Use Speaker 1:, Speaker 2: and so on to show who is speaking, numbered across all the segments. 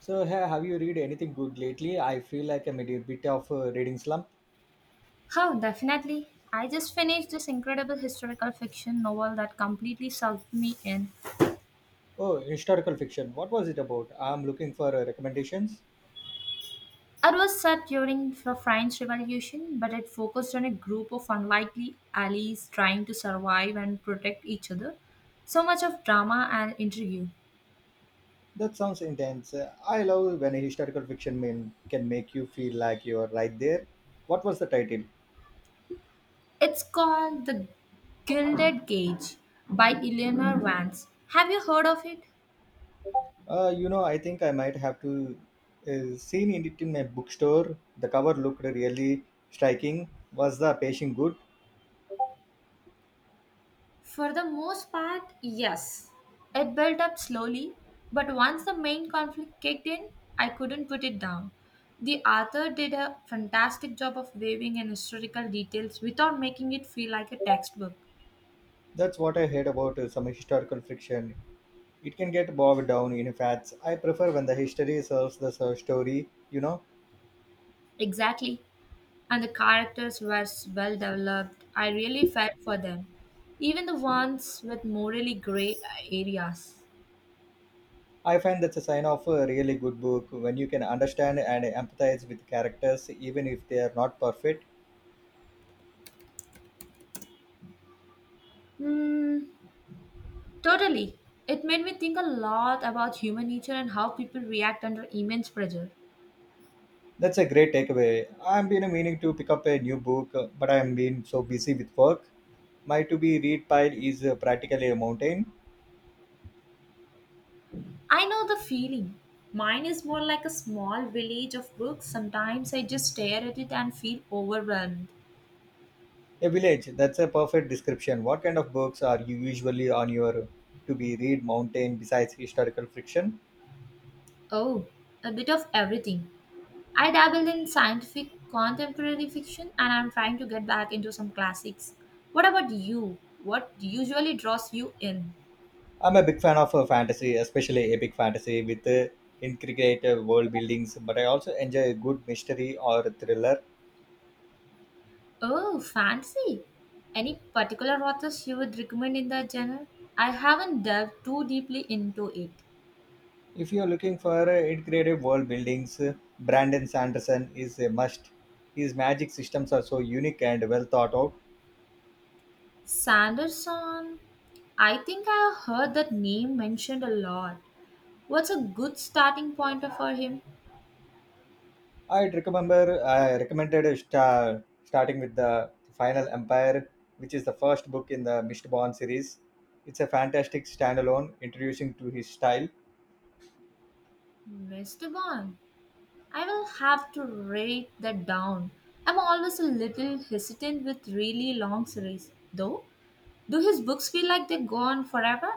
Speaker 1: So, have you read anything good lately? I feel like I'm in a bit of a reading slump.
Speaker 2: How definitely. I just finished this incredible historical fiction novel that completely sucked me in.
Speaker 1: Oh, historical fiction. What was it about? I'm looking for recommendations.
Speaker 2: It was set during the French Revolution, but it focused on a group of unlikely allies trying to survive and protect each other. So much of drama and intrigue.
Speaker 1: That sounds intense. I love when a historical fiction man can make you feel like you're right there. What was the title?
Speaker 2: It's called The Gilded Cage by Eleanor Vance. Have you heard of it?
Speaker 1: I think I might have to seen it in a bookstore. The cover looked really striking. Was the pacing good?
Speaker 2: For the most part, yes. It built up slowly, but once the main conflict kicked in, I couldn't put it down. The author did a fantastic job of weaving in historical details without making it feel like a textbook.
Speaker 1: That's what I heard about some historical fiction. It can get bogged down in facts. I prefer when the history serves the story, you know.
Speaker 2: Exactly. And the characters were well developed. I really felt for them, even the ones with morally gray areas.
Speaker 1: I find that's a sign of a really good book when you can understand and empathize with characters even if they are not perfect.
Speaker 2: Mm, totally. It made me think a lot about human nature and how people react under immense pressure.
Speaker 1: That's a great takeaway. I've been meaning to pick up a new book, but I've been so busy with work. My to be read pile is practically a mountain.
Speaker 2: I know the feeling. Mine is more like a small village of books. Sometimes I just stare at it and feel overwhelmed.
Speaker 1: A village, that's a perfect description. What kind of books are you usually on your to be read mountain besides historical fiction?
Speaker 2: Oh, a bit of everything. I dabble in scientific contemporary fiction and I'm trying to get back into some classics. What about you? What usually draws you in?
Speaker 1: I'm a big fan of fantasy, especially epic fantasy with intricate world buildings, but I also enjoy a good mystery or thriller.
Speaker 2: Oh, fancy. Any particular authors you would recommend in that genre? I haven't delved too deeply into it.
Speaker 1: If you're looking for integrated world buildings, Brandon Sanderson is a must. His magic systems are so unique and well thought out.
Speaker 2: Sanderson? I think I heard that name mentioned a lot. What's a good starting point for him?
Speaker 1: I'd remember I recommended star, starting with the Final Empire, which is the first book in the Mistborn series. It's a fantastic standalone introducing to his style.
Speaker 2: Mr. Bond, I will have to write that down. I'm always a little hesitant with really long series, though. Do his books feel like they go on forever?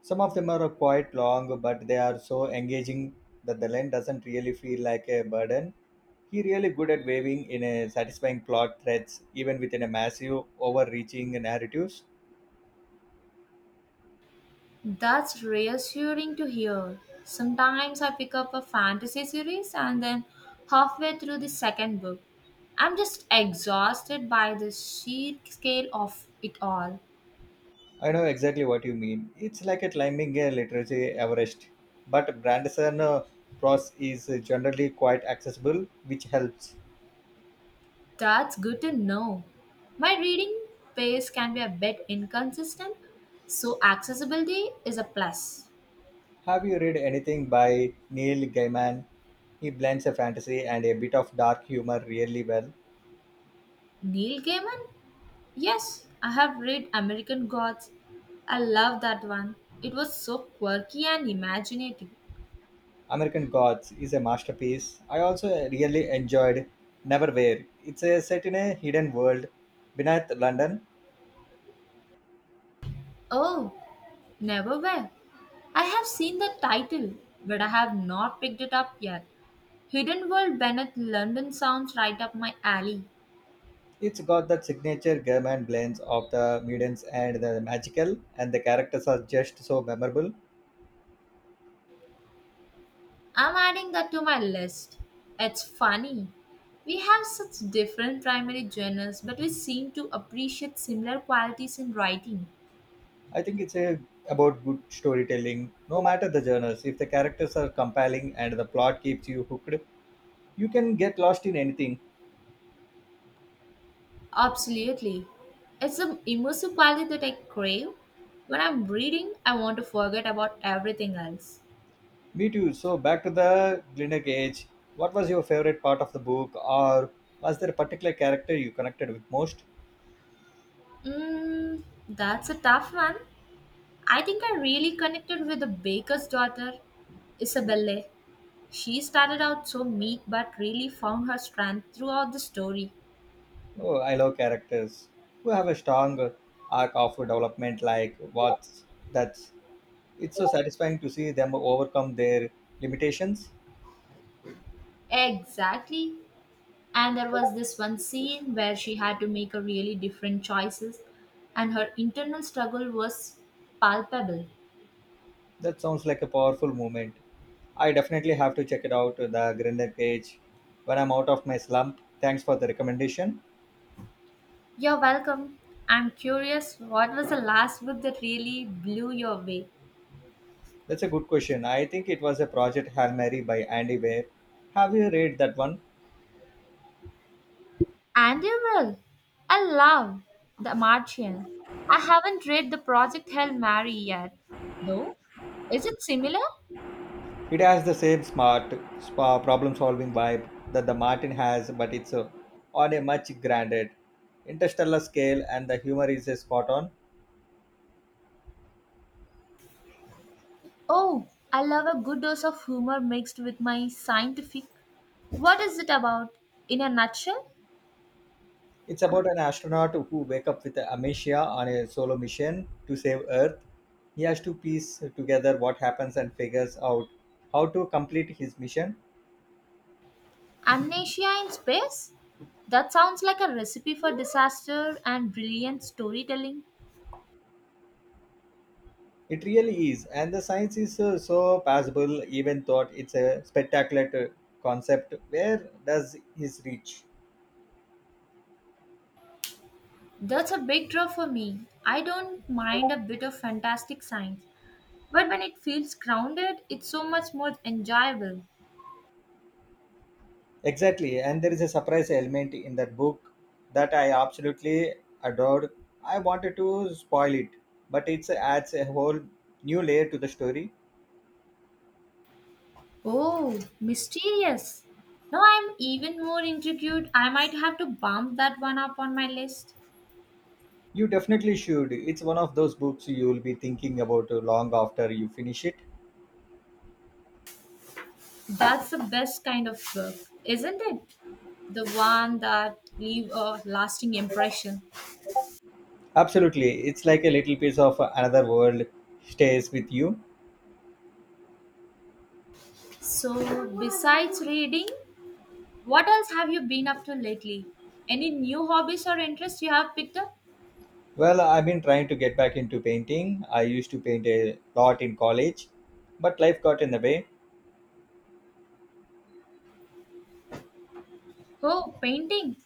Speaker 1: Some of them are quite long, but they are so engaging that the length doesn't really feel like a burden. He really good at weaving in a satisfying plot threads, even within a massive, overreaching narratives.
Speaker 2: That's reassuring to hear. Sometimes I pick up a fantasy series and then halfway through the second book, I'm just exhausted by the sheer scale of it all.
Speaker 1: I know exactly what you mean. It's like a climbing a literacy Everest. But Branderson prose is generally quite accessible, which helps.
Speaker 2: That's good to know. My reading pace can be a bit inconsistent, so accessibility is a plus.
Speaker 1: Have you read anything by Neil Gaiman? He blends a fantasy and a bit of dark humor really well.
Speaker 2: Neil Gaiman? Yes, I have read American Gods. I love that one. It was so quirky and imaginative.
Speaker 1: American Gods is a masterpiece. I also really enjoyed Neverwhere. It's a set in a hidden world beneath London.
Speaker 2: Oh, Never were. I have seen the title, but I have not picked it up yet. Hidden World Bennett London sounds right up my alley.
Speaker 1: It's got that signature German blends of the mutants and the magical, and the characters are just so memorable.
Speaker 2: I'm adding that to my list. It's funny. We have such different primary genres, but we seem to appreciate similar qualities in writing.
Speaker 1: I think it's a about good storytelling, no matter the genres. If the characters are compelling and the plot keeps you hooked, you can get lost in anything.
Speaker 2: Absolutely. It's the immersive quality that I crave. When I'm reading, I want to forget about everything else.
Speaker 1: Me too. So back to the Glinda Cage. What was your favorite part of the book, or was there a particular character you connected with most?
Speaker 2: Mm, that's a tough one. I think I really connected with the baker's daughter, Isabelle. She started out so meek but really found her strength throughout the story.
Speaker 1: Oh, I love characters who have a strong arc of development. Like what's that's. It's so satisfying to see them overcome their limitations.
Speaker 2: Exactly. And there was this one scene where she had to make a really different choices and her internal struggle was palpable.
Speaker 1: That sounds like a powerful moment. I definitely have to check it out. The Glinda Cage. When I'm out of my slump. Thanks for the recommendation.
Speaker 2: You're welcome. I'm curious what was the last book that really blew you away?
Speaker 1: That's a good question. I think it was a Project Hail Mary by Andy Weir. Have you read that one?
Speaker 2: And you will. I love The Martian. I haven't read the Project Hail Mary yet, though. Is it similar?
Speaker 1: It has the same smart spa problem solving vibe that the Martin has, but it's on a much grander interstellar scale, and the humor is spot on.
Speaker 2: Oh, I love a good dose of humor mixed with my scientific. What is it about? In a nutshell,
Speaker 1: It's about an astronaut who wake up with amnesia on a solo mission to save Earth. He has to piece together what happens and figures out how to complete his mission.
Speaker 2: amnesia in space? That sounds like a recipe for disaster and brilliant storytelling.
Speaker 1: It really is, and the science is so passable. Even thought it's a spectacular concept. Where does his reach?
Speaker 2: That's a big draw for me. I don't mind a bit of fantastic science, but when it feels grounded, it's so much more enjoyable.
Speaker 1: Exactly, and there is a surprise element in that book that I absolutely adored. I wanted to spoil it, but it adds a whole new layer to the story.
Speaker 2: Oh, mysterious. Now I'm even more intrigued. I might have to bump that one up on my list.
Speaker 1: You definitely should. It's one of those books you will be thinking about long after you finish it.
Speaker 2: That's the best kind of book, isn't it? The one that leave a lasting impression.
Speaker 1: Absolutely, it's like a little piece of another world stays with you.
Speaker 2: So besides reading, what else have you been up to lately? Any new hobbies or interests you have picked up?
Speaker 1: Well, I've been trying to get back into painting. I used to paint a lot in college, but life got in the way.
Speaker 2: Oh, painting.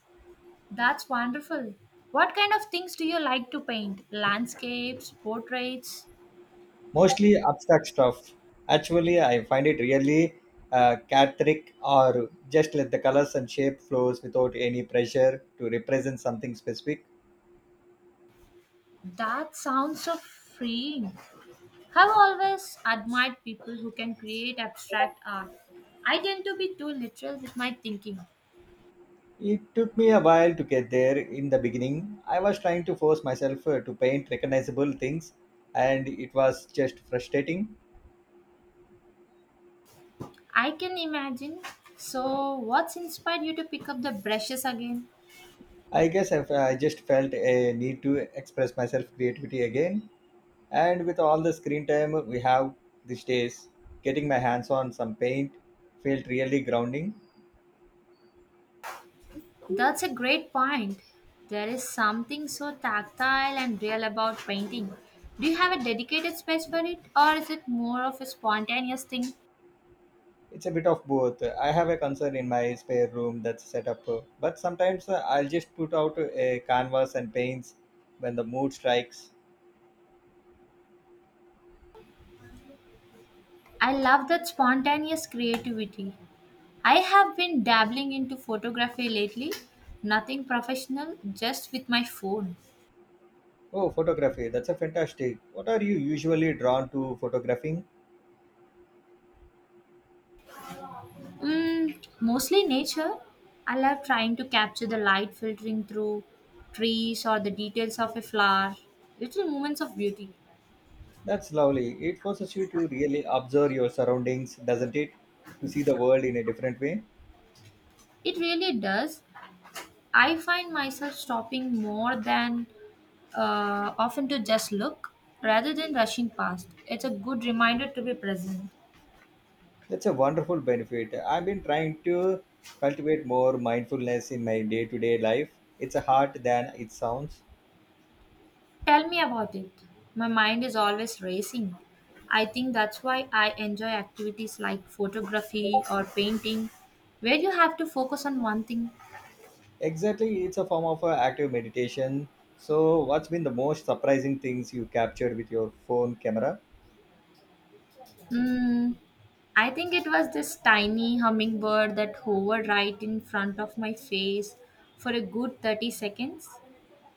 Speaker 2: That's wonderful. What kind of things do you like to paint? Landscapes, portraits?
Speaker 1: Mostly abstract stuff. Actually, I find it really cathartic or just let the colors and shape flows without any pressure to represent something specific.
Speaker 2: That sounds so freeing. I've always admired people who can create abstract art. I tend to be too literal with my thinking.
Speaker 1: It took me a while to get there in the beginning. I was trying to force myself to paint recognizable things and it was just frustrating.
Speaker 2: I can imagine. So, what's inspired you to pick up the brushes again?
Speaker 1: I guess if I just felt a need to express myself creativity again. And with all the screen time we have these days, getting my hands on some paint felt really grounding.
Speaker 2: That's a great point. There is something so tactile and real about painting. Do you have a dedicated space for it, or is it more of a spontaneous thing?
Speaker 1: It's a bit of both. I have a concern in my spare room that's set up, but sometimes I'll just put out a canvas and paints when the mood strikes.
Speaker 2: I love that spontaneous creativity. I have been dabbling into photography lately, nothing professional, just with my phone.
Speaker 1: Oh, photography, that's a fantastic. What are you usually drawn to photographing?
Speaker 2: Mm, mostly nature. I love trying to capture the light filtering through trees or the details of a flower, little moments of beauty.
Speaker 1: That's lovely. It forces you to really observe your surroundings, doesn't it? To see the world in a different way.
Speaker 2: It really does. I find myself stopping more than often to just look rather than rushing past. It's a good reminder to be present.
Speaker 1: That's a wonderful benefit. I've been trying to cultivate more mindfulness in my day to day life. It's a hard than it sounds.
Speaker 2: Tell me about it. My mind is always racing. I think that's why I enjoy activities like photography or painting, where you have to focus on one thing.
Speaker 1: Exactly, it's a form of active meditation. So, what's been the most surprising things you captured with your phone camera?
Speaker 2: Mm, I think it was this tiny hummingbird that hovered right in front of my face for a good 30 seconds.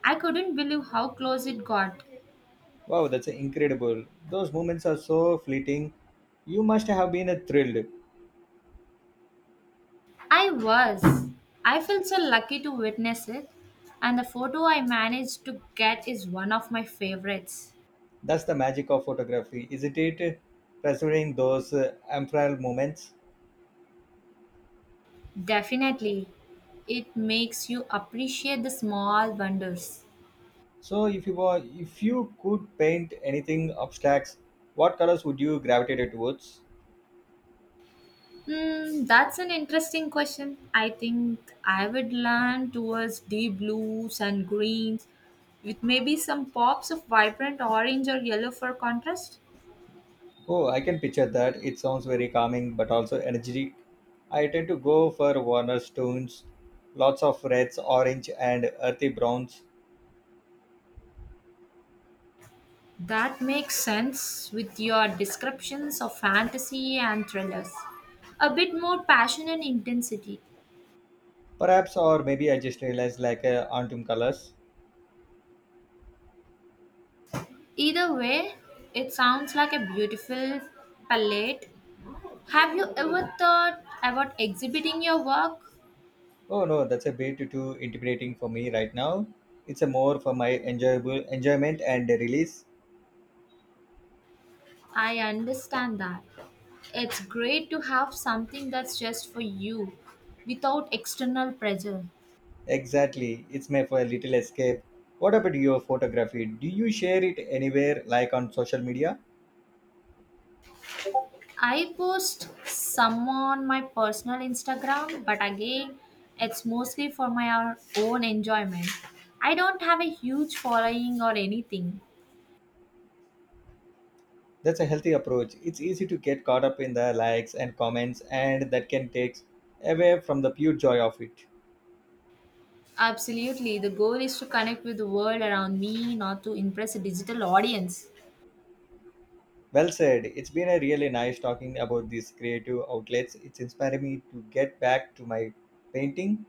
Speaker 2: I couldn't believe how close it got.
Speaker 1: Wow, that's incredible. Those moments are so fleeting. You must have been thrilled.
Speaker 2: I was. I felt so lucky to witness it, and the photo I managed to get is one of my favorites.
Speaker 1: That's the magic of photography, isn't it? Preserving those ephemeral moments.
Speaker 2: Definitely. It makes you appreciate the small wonders.
Speaker 1: So, if you could paint anything abstract, what colors would you gravitate towards?
Speaker 2: Hmm, that's an interesting question. I think I would lean towards deep blues and greens with maybe some pops of vibrant orange or yellow for contrast.
Speaker 1: Oh, I can picture that. It sounds very calming, but also energetic. I tend to go for warmer tones, lots of reds, orange, and earthy browns.
Speaker 2: That makes sense with your descriptions of fantasy and thrillers. A bit more passion and intensity.
Speaker 1: Perhaps, or maybe I just realized like autumn colors.
Speaker 2: Either way, it sounds like a beautiful palette. Have you ever thought about exhibiting your work?
Speaker 1: Oh no, that's a bit too intimidating for me right now. It's a more for my enjoyable enjoyment and release.
Speaker 2: I understand that. It's great to have something that's just for you without external pressure.
Speaker 1: Exactly, it's made for a little escape. What about your photography? Do you share it anywhere, like on social media?
Speaker 2: I post some on my personal Instagram, but again, it's mostly for my own enjoyment. I don't have a huge following or anything.
Speaker 1: That's a healthy approach. It's easy to get caught up in the likes and comments, and that can take away from the pure joy of it.
Speaker 2: Absolutely, the goal is to connect with the world around me, not to impress a digital audience.
Speaker 1: Well said. It's been a really nice talking about these creative outlets. It's inspiring me to get back to my painting.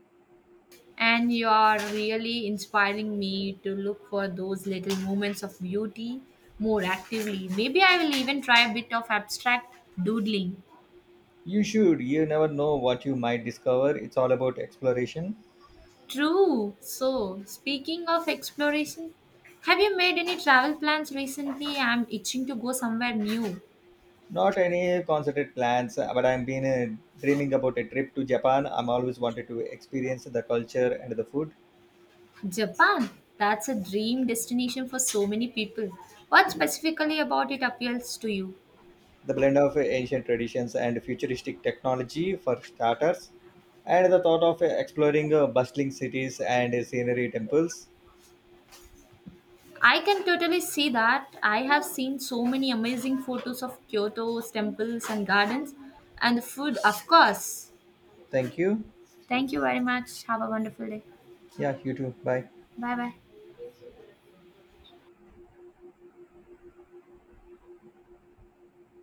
Speaker 2: And you are really inspiring me to look for those little moments of beauty more actively. Maybe I will even try a bit of abstract doodling.
Speaker 1: You should. You never know what you might discover. It's all about exploration.
Speaker 2: True. So, speaking of exploration, have you made any travel plans recently? I'm itching to go somewhere new.
Speaker 1: Not any concerted plans, but I've been dreaming about a trip to Japan. I'm always wanted to experience the culture and the food,
Speaker 2: Japan. That's a dream destination for so many people. What specifically about it appeals to you?
Speaker 1: the blend of ancient traditions and futuristic technology for starters, and the thought of exploring bustling cities and scenery temples.
Speaker 2: I can totally see that. I have seen so many amazing photos of Kyoto's temples and gardens, and the food, of course.
Speaker 1: Thank you.
Speaker 2: Thank you very much. Have a wonderful day.
Speaker 1: Yeah, you too. Bye.
Speaker 2: Bye bye.